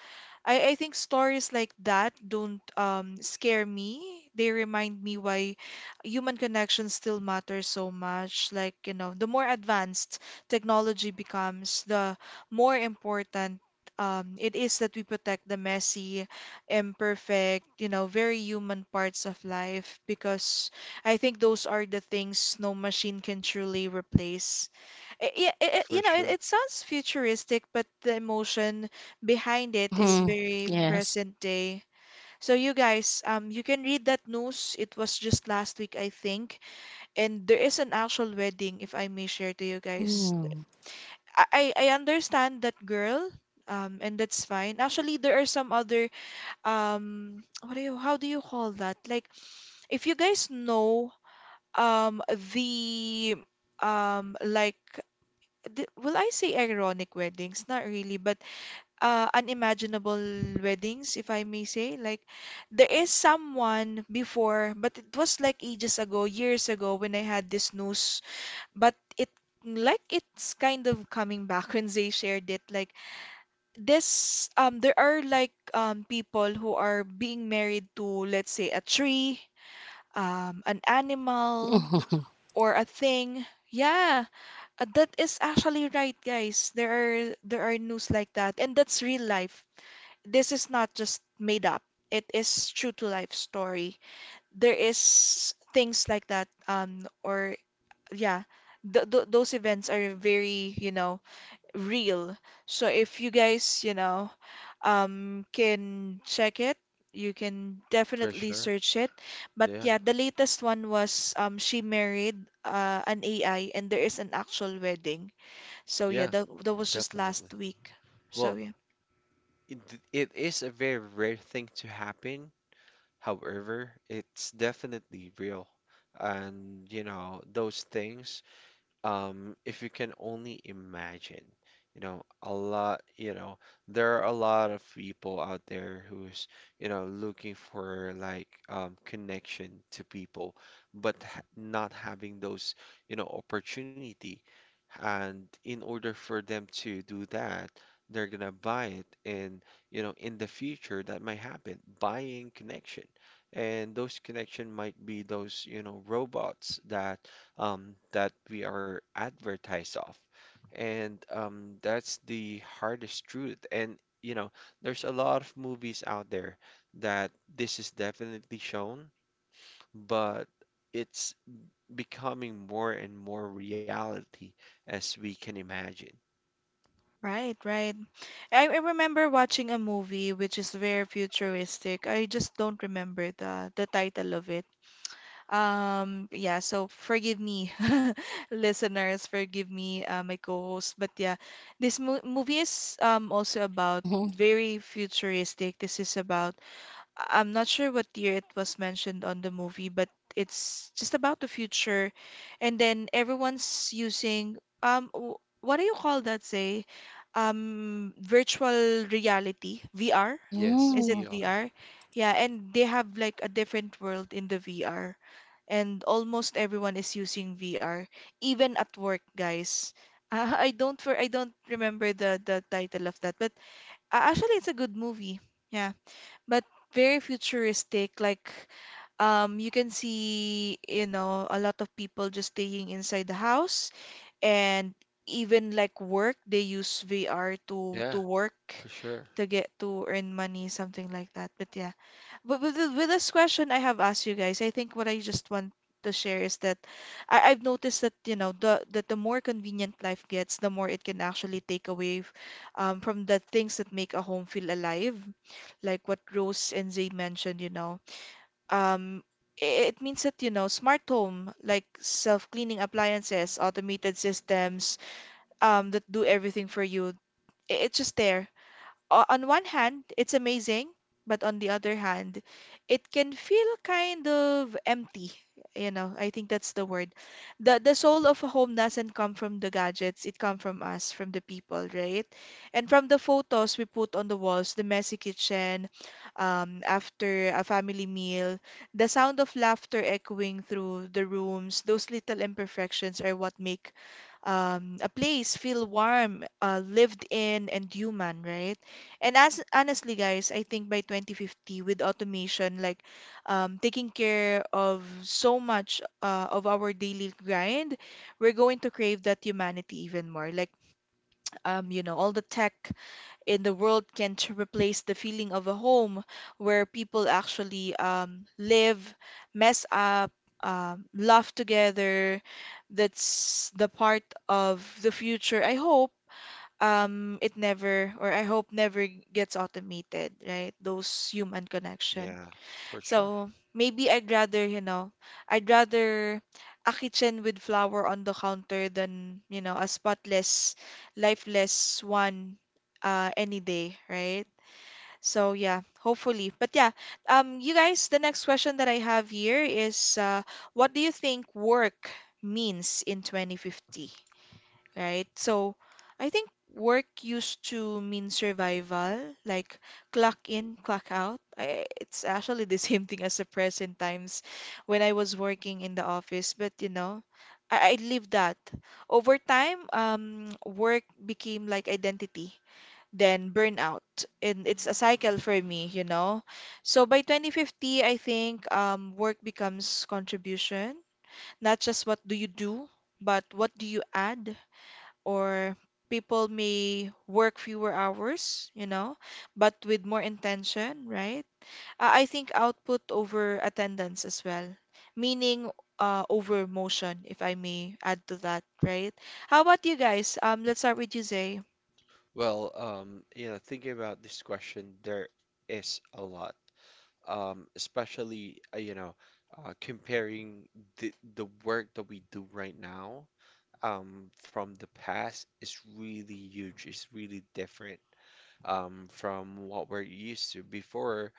S2: I, I think stories like that don't um, scare me. They remind me why human connection still matters so much. Like, you know, the more advanced technology becomes, the more important um, it is that we protect the messy, imperfect, you know, very human parts of life because I think those are the things no machine can truly replace. I- Yeah, it,
S1: for
S2: you know, it,
S1: sure.
S2: it sounds futuristic, but the emotion behind it is
S3: Mm-hmm.
S2: very
S3: Yes.
S2: present day. So you guys, um, you can read that news. It was just last week, I think, and there is an actual wedding, if I may share to you guys.
S3: Mm-hmm.
S2: I, I I understand that girl, um, and that's fine. Actually, there are some other, um, what do you, how do you call that? Like, if you guys know, um, the, um, like d- will I say ironic weddings? Not really, but uh, unimaginable weddings, if I may say. Like, there is someone before, but it was like ages ago, years ago, when I had this news. But it like it's kind of coming back when they shared it. Like this, um, there are like um people who are being married to, let's say, a tree, um, an animal,
S3: Mm-hmm.
S2: or a thing. Yeah, uh, that is actually right, guys. There are there are news like that, and that's real life. This is not just made up. It is true to life story. There is things like that, um, or yeah, th th those events are very, you know, real. So if you guys, you know, um, can check it, you can
S1: For
S2: definitely
S1: sure.
S2: search it. But
S1: Yeah.
S2: yeah, the latest one was um, she married uh, an A I, and there is an actual wedding. So
S1: Yeah,
S2: yeah, that that was just
S1: definitely.
S2: last week. So
S1: Well,
S2: yeah.
S1: it, it is a very rare thing to happen. However, it's definitely real. And you know, those things, um, if you can only imagine, you know, a lot, you know, there are a lot of people out there who's, you know, looking for like um, connection to people, but ha not having those, you know, opportunity. And in order for them to do that, they're gonna buy it, and you know, in the future that might happen, buying connection. And those connection might be those, you know, robots that um, that we are advertised of. And um, that's the hardest truth. And, you know, there's a lot of movies out there that this is definitely shown, but it's becoming more and more reality as we can imagine.
S2: Right, right. I, I remember watching a movie which is very futuristic. I just don't remember the the title of it. Um, yeah, so forgive me, listeners, forgive me, uh, my co-host. But yeah, this mo movie is um also about
S3: Mm-hmm.
S2: very futuristic. This is about I- I'm not sure what year it was mentioned on the movie, but it's just about the future. And then everyone's using um w- what do you call that, say? Um, virtual reality, V R?
S1: Yes,
S2: Is it
S3: Mm.
S1: V R.
S2: V R? Yeah, and they have like a different world in the V R. And almost everyone is using V R, even at work, guys. Uh, I don't for I don't remember the the title of that, but uh, actually it's a good movie. Yeah, but very futuristic. Like, um, you can see, you know, a lot of people just staying inside the house, and even like work, they use V R to to
S1: Yeah,
S2: work.
S1: for sure.
S2: To get to earn money, something like that. But yeah, but with, th- with this question I have asked you guys, I think what I just want to share is that I, I've noticed that you know the that the more convenient life gets, the more it can actually take away f- um, from the things that make a home feel alive like what Rose and Zay mentioned, you know. Um, i- it means that, you know, smart home, like self-cleaning appliances, automated systems, um, that do everything for you. i- It's just there o- on one hand, it's amazing, but on the other hand, it can feel kind of empty. You know, I think that's the word. The the soul of a home doesn't come from the gadgets, it comes from us, from the people, right? And from the photos we put on the walls, the messy kitchen, um, after a family meal, the sound of laughter echoing through the rooms, those little imperfections are what make um, a place feel warm, uh, lived in, and human, right? And as honestly, guys, I think by twenty fifty, with automation, like um, taking care of so much uh, of our daily grind, we're going to crave that humanity even more. Like, um, you know, all the tech in the world can to replace the feeling of a home where people actually um, live, mess up, um, laugh together. That's the part of the future. I hope um, it never, or I hope never gets automated, right? Those human connection.
S1: Yeah, for sure.
S2: So maybe I'd rather, you know, I'd rather a kitchen with flour on the counter than, you know, a spotless, lifeless one uh, any day, right? So yeah, hopefully. But yeah, um, you guys, the next question that I have here is, uh, what do you think work means in twenty fifty, right? So I think work used to mean survival, like clock in, clock out. I, it's actually the same thing as the present times when I was working in the office, but you know, I, I leave that. Over time, um, work became like identity. Then burnout, and it's a cycle for me, you know. So by twenty fifty, I think um, work becomes contribution, not just what do you do, but what do you add or people may work fewer hours, you know, but with more intention, right? Uh, I think output over attendance as well, meaning uh, over motion, if I may add to that, right? How about you guys? Um, let's start with you, Zay.
S1: Well, um, you know, thinking about this question, there is a lot, um, especially uh, you know uh, comparing the the work that we do right now, um, from the past is really huge. It's really different um, from what we're used to before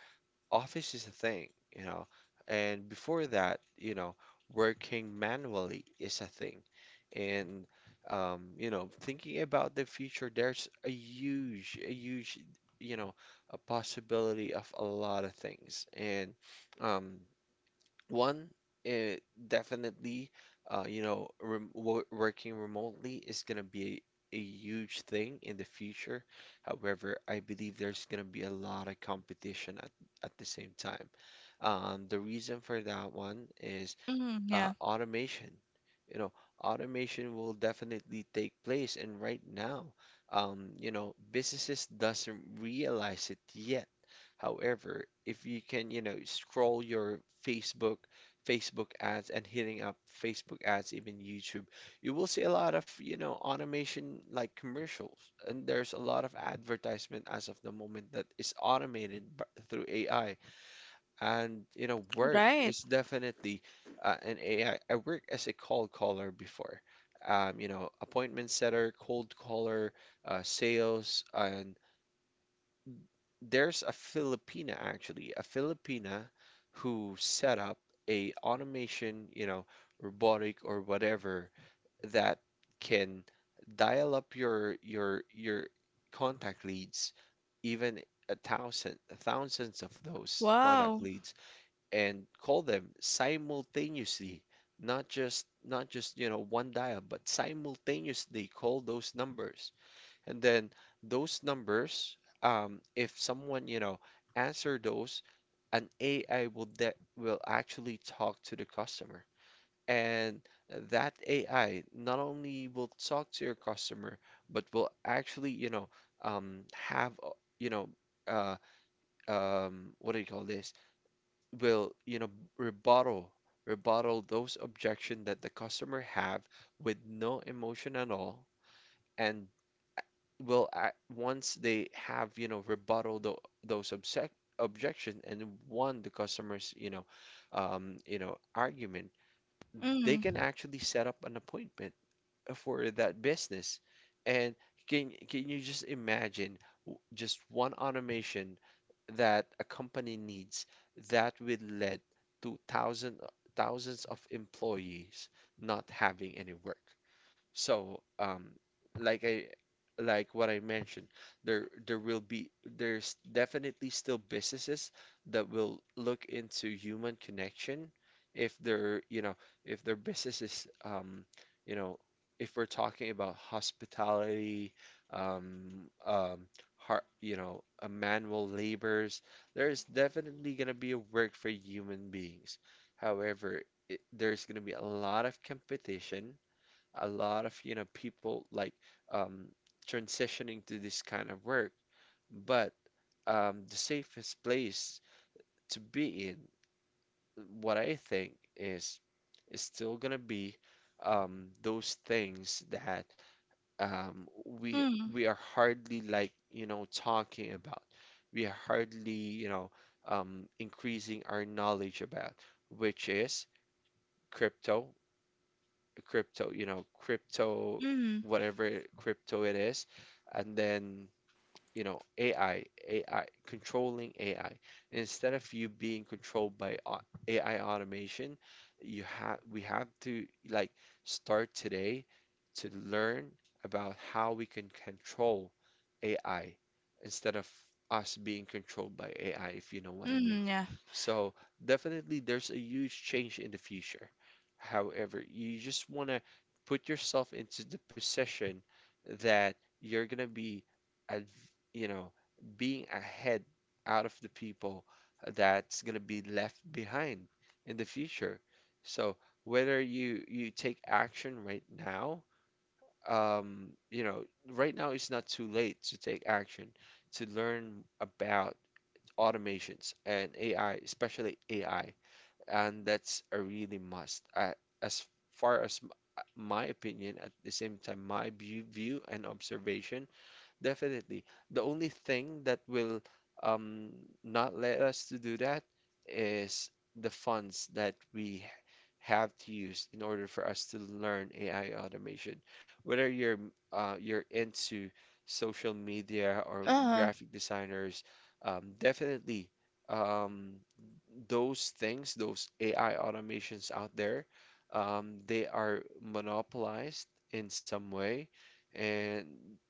S1: office is a thing, you know, and before that, you know, working manually is a thing. And, um, you know, thinking about the future, there's a huge, a huge, you know, a possibility of a lot of things. And, um, one, eh, definitely, uh, you know, rem wo- working remotely is going to be a, a huge thing in the future. However, I believe there's going to be a lot of competition at, at the same time. Um, the reason for that one is
S2: Mm,
S1: uh,
S2: yeah,
S1: automation. You know, automation will definitely take place, and right now, um, you know, businesses doesn't realize it yet. However, if you can, you know, scroll your Facebook, Facebook ads, and hitting up Facebook ads, even YouTube, you will see a lot of, you know, automation like commercials, and there's a lot of advertisement as of the moment that is automated b- through A I. And you know, work
S2: right.
S1: is definitely uh, an A I. I I worked as a cold caller before. Um, you know, appointment setter, cold caller, uh, sales, and there's a Filipina, actually, a Filipina who set up a automation, you know, robotic or whatever, that can dial up your your your contact leads, even a thousand thousands of those contact
S2: Wow.
S1: leads, and call them simultaneously, not just not just you know one dial, but simultaneously call those numbers. And then those numbers, um, if someone you know answer those, an A I will, that will actually talk to the customer. And that A I not only will talk to your customer, but will actually you know um, have uh, you know uh, um, what do you call this will, you know, rebuttal rebuttal those objection that the customer have, with no emotion at all. And will act, once they have, you know, rebuttal tho- those obsec objection, and won the customer's, you know, um, you know, argument, they can
S2: Mm,
S1: actually set up an appointment for that business. And can can you just imagine w- just one automation that a company needs, that will lead to thousands thousands of employees not having any work? So, um, like I like what I mentioned, there there will be there's definitely still businesses that will look into human connection, if they're, you know, if their business is, um, you know, if we're talking about hospitality, um, um, har you know, uh, manual labors, there's definitely gonna be a work for human beings. However, it, there's gonna be a lot of competition, a lot of you know people like um, transitioning to this kind of work. But um, the safest place to be in, what I think is is still gonna be um, those things that um, we
S2: mm,
S1: we are hardly like you know talking about, we are hardly you know um, increasing our knowledge about, which is crypto crypto, you know, crypto,
S2: mm,
S1: whatever crypto it is, and then you know, A I, A I, controlling A I. Instead of you being controlled by au- A I automation, you have we have to like start today to learn about how we can control A I, instead of us being controlled by A I, if you know what I mean.
S2: mm, yeah.
S1: So definitely there's a huge change in the future. However, you just want to put yourself into the position that you're going to be ad- you know, being ahead out of the people that's going to be left behind in the future. So whether you you take action right now, um, you know, right now it's not too late to take action, to learn about automations and A I, especially A I, and that's a really must. Uh, as far as m- my opinion, at the same time, my view, view and observation. Definitely. The only thing that will um, not let us to do that is the funds that we have to use in order for us to learn A I automation. Whether you're uh, you're into social media or
S2: Uh-huh.
S1: graphic designers, um, definitely um, those things, those A I automations out there, um, they are monopolized in some way, and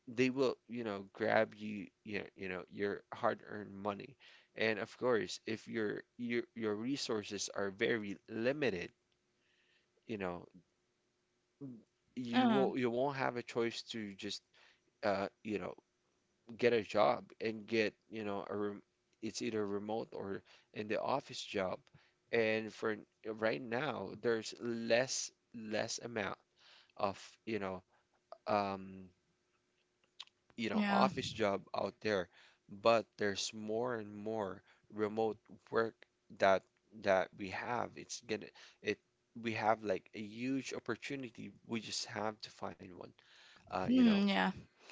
S1: they will, you know, grab you, you know, you know, your hard-earned money. And of course, if your your your resources are very limited, you know, you
S2: Uh-huh.
S1: won't you won't have a choice to just, uh, you know, get a job and get, you know, a rem it's either remote or in the office job. And for right now, there's less less amount of, you know, um, you know,
S2: Yeah.
S1: office job out there, but there's more and more remote work that that we have. It's gonna it We have like a huge opportunity. We just have to find one. Uh, you know,
S2: Mm, yeah.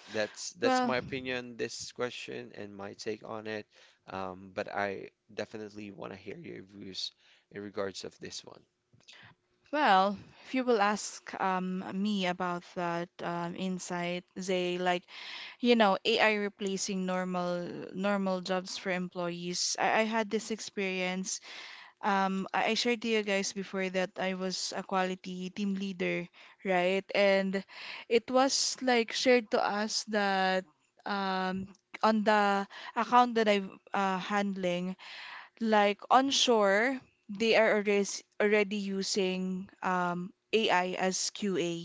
S1: that's that's
S2: Well,
S1: my opinion, this question and my take on it. Um, but I definitely want to hear your views in regards of this one.
S2: well, if you will ask um, me about that um, insight, Zay, like you know, A I replacing normal normal jobs for employees. I, I had this experience. Um, I, I shared to you guys before that I was a quality team leader, right? And it was like shared to us that um, on the account that I'm uh, handling, like on shore, they are already already using um, A I as Q A,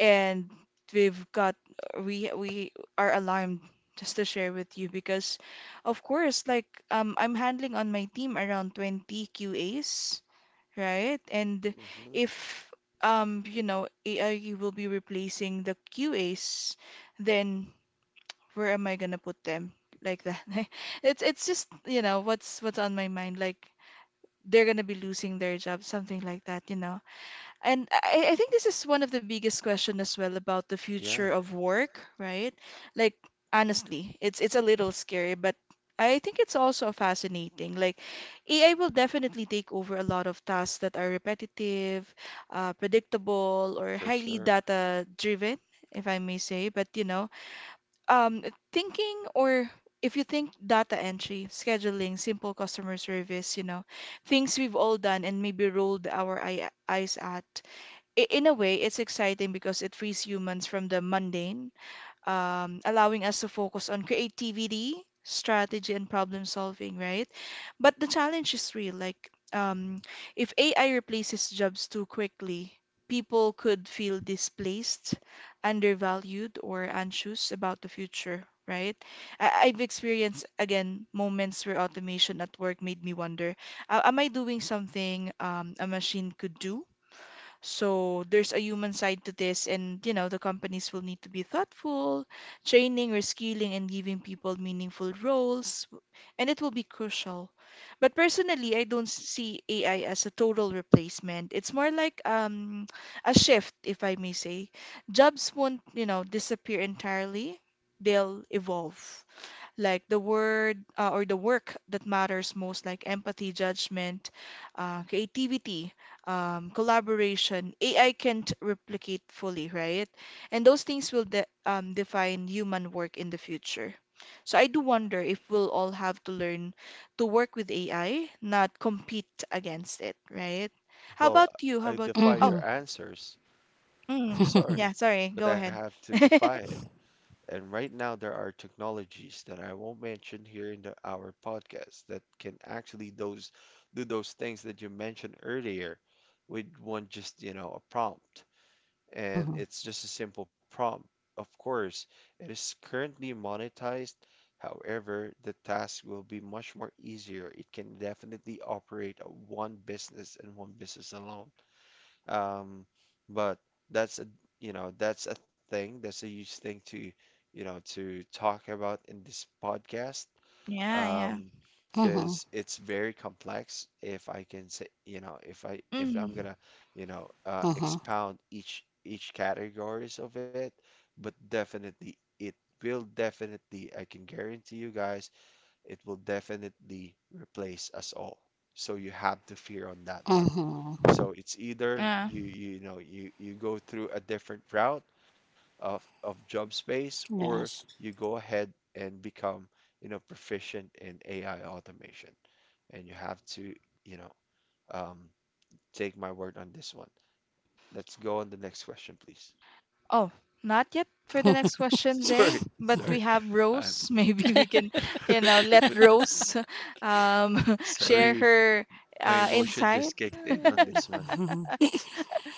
S2: and we've got we we are alarmed just to share with you because, of course, like um, I'm handling on my team around twenty Q As, right? And
S1: Hmm.
S2: if um, you know, A I will be replacing the Q As, then where am I gonna put them? Like that. It's it's just, you know, what's what's on my mind. Like they're gonna be losing their job, something like that, you know. And I, I think this is one of the biggest question as well about the
S1: Yeah,
S2: future of work, right? Like honestly, it's it's a little scary, but I think it's also fascinating. Like A I will definitely take over a lot of tasks that are repetitive, uh, predictable, or
S1: for
S2: highly
S1: sure.
S2: data driven, if I may say. But you know, um, thinking or if you think data entry, scheduling, simple customer service, you know, things we've all done and maybe rolled our eye, eyes at, i- in a way, it's exciting because it frees humans from the mundane, um, allowing us to focus on creativity, strategy, and problem solving, right? But the challenge is real. Like, um, if A I replaces jobs too quickly, people could feel displaced, undervalued, or anxious about the future, right? I- I've experienced, again, moments where automation at work made me wonder, uh, am I doing something um, a machine could do? So there's a human side to this, and you know, the companies will need to be thoughtful, training, reskilling, and giving people meaningful roles, and it will be crucial. But personally, I don't see A I as a total replacement. It's more like um, a shift, if I may say. Jobs won't, you know, disappear entirely. They'll evolve like the word uh, or the work that matters most, like empathy, judgment, uh, creativity, um, collaboration. A I can't replicate fully, right? And those things will de um, define human work in the future. So I do wonder if we'll all have to learn to work with A I, not compete against it, right? How
S1: Well,
S2: about you? How
S1: I
S2: about,
S1: defy
S2: oh,
S1: your
S3: Mhm.
S1: answers. I'm
S2: mm,
S1: sorry,
S2: yeah, sorry,
S1: but
S2: go
S1: I
S2: ahead.
S1: have to defy it. And right now, there are technologies that I won't mention here in the, our podcast, that can actually those do those things that you mentioned earlier with one just, you know, a prompt. And
S3: Mhm.
S1: it's just a simple prompt. Of course, it is currently monetized. However, the task will be much more easier. It can definitely operate a one business and one business alone. Um, but that's a, you know, that's a thing, that's a huge thing to, you know, to talk about in this podcast.
S2: Yeah, yeah.
S1: Um,
S3: Mhm.
S1: because it's very complex, if I can say, you know, if I if I'm
S2: Mm,
S1: gonna, you know, uh,
S3: Mhm.
S1: expound each each categories of it, but definitely it will definitely, I can guarantee you guys, it will definitely replace us all. So you have to fear on that one.
S3: Mhm.
S1: So it's either
S2: yeah.
S1: you you know you you go through a different route of of job space, or
S3: Yes.
S1: you go ahead and become you know proficient in A I automation. And you have to you know um, take my word on this one. Let's go on the next question, please.
S2: Oh, not yet for the next question,
S1: Sorry,
S2: Zay, but
S1: sorry.
S2: we have
S1: I'm
S2: Rose. Maybe we can, you know, let Rose um, share
S1: Sorry.
S2: her
S1: My
S2: uh,
S1: emotion
S2: insight.
S1: just kicked in on this one.
S3: Mhm.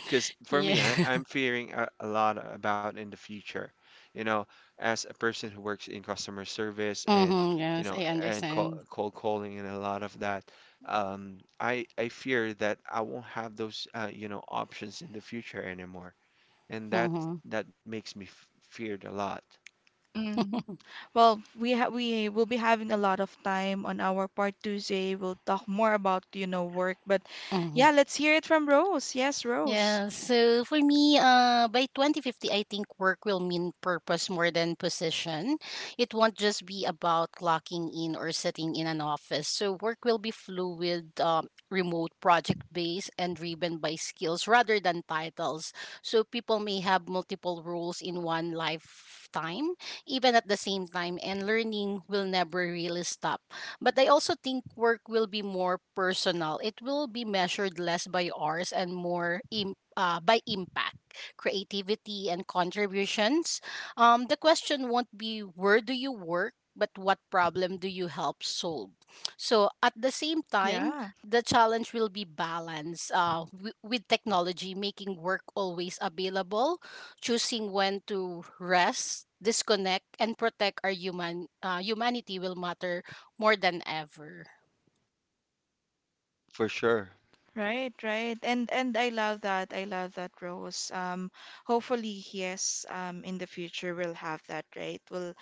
S1: Because for
S3: Yeah.
S1: me, I, I'm fearing a, a lot about in the future. You know, as a person who works in customer service and,
S3: Mhm.
S1: you
S3: Yes,
S1: know,
S3: I
S1: and call,
S3: understand.
S1: cold calling and a lot of that, um, I, I fear that I won't have those, uh, you know, options in the future anymore. And that
S3: Mhm.
S1: that makes me f feared a lot.
S2: Mm. Well, we ha we will be having a lot of time on our part Tuesday. We'll talk more about, you know, work, but
S3: Mhm.
S2: yeah, let's hear it from Rose. Yes, Rose.
S3: Yeah, so for me, uh, by twenty fifty, I think work will mean purpose more than position. It won't just be about clocking in or sitting in an office. So work will be fluid, um, remote, project based, and driven by skills rather than titles. So people may have multiple roles in one lifetime, even at the same time, and learning will never really stop. But I also think work will be more personal. It will be measured less by hours and more, Im- uh, by impact, creativity, and contributions. Um, the question won't be where do you work, but what problem do you help solve? So at the same time,
S2: Yeah,
S3: the challenge will be balance, uh, w- with technology, making work always available, choosing when to rest, disconnect, and protect our human, uh, humanity will matter more than ever.
S1: For sure.
S2: right, right. And and I love that. I love that, Rose. Um, hopefully, yes, um, in the future we'll have that, right? We'll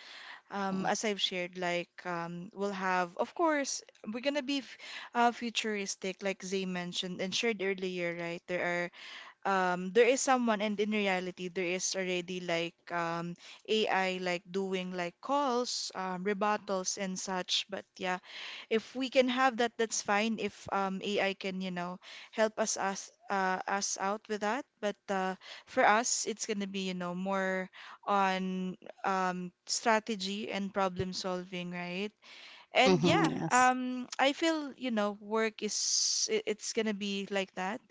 S2: um,
S3: Mm.
S2: As I've shared, like um, we'll have, of course, we're gonna be f- uh, futuristic, like Zay mentioned and shared earlier, right? There are um, there is someone, and in reality, there is already like um, A I, like doing like calls, um, rebuttals, and such. But yeah, if we can have that, that's fine. If um, A I can, you know, help us us uh, us out with that, but uh, for us, it's gonna be, you know, more on um, strategy and problem solving, right? And
S3: Mhm,
S2: yeah,
S3: yes.
S2: um, I feel, you know, work is i- it's gonna be like that.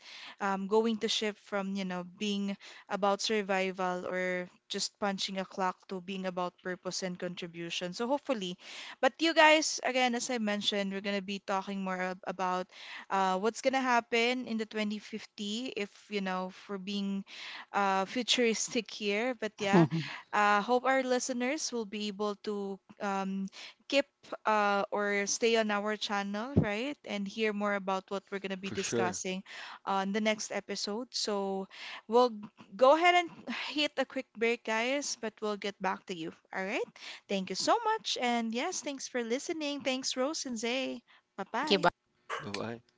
S2: Um, going to shift from, you know, being about survival or just punching a clock to being about purpose and contribution. So hopefully, but you guys, again, as I mentioned, we're gonna be talking more ab- about uh, what's gonna happen in the twenty fifty if, you know, for being uh, futuristic here. But yeah,
S3: Mhm.
S2: uh, hope our listeners will be able to um, keep uh, or stay on our channel, right? And hear more about what we're going to be
S1: For sure.
S2: discussing on the next episode. So we'll g- go ahead and hit a quick break, guys, but we'll get back to you. All right. Thank you so much. And yes, thanks for listening. Thanks, Rose and Zay. Bye
S3: Thank you.
S2: bye.
S3: Bye.
S1: Bye-bye.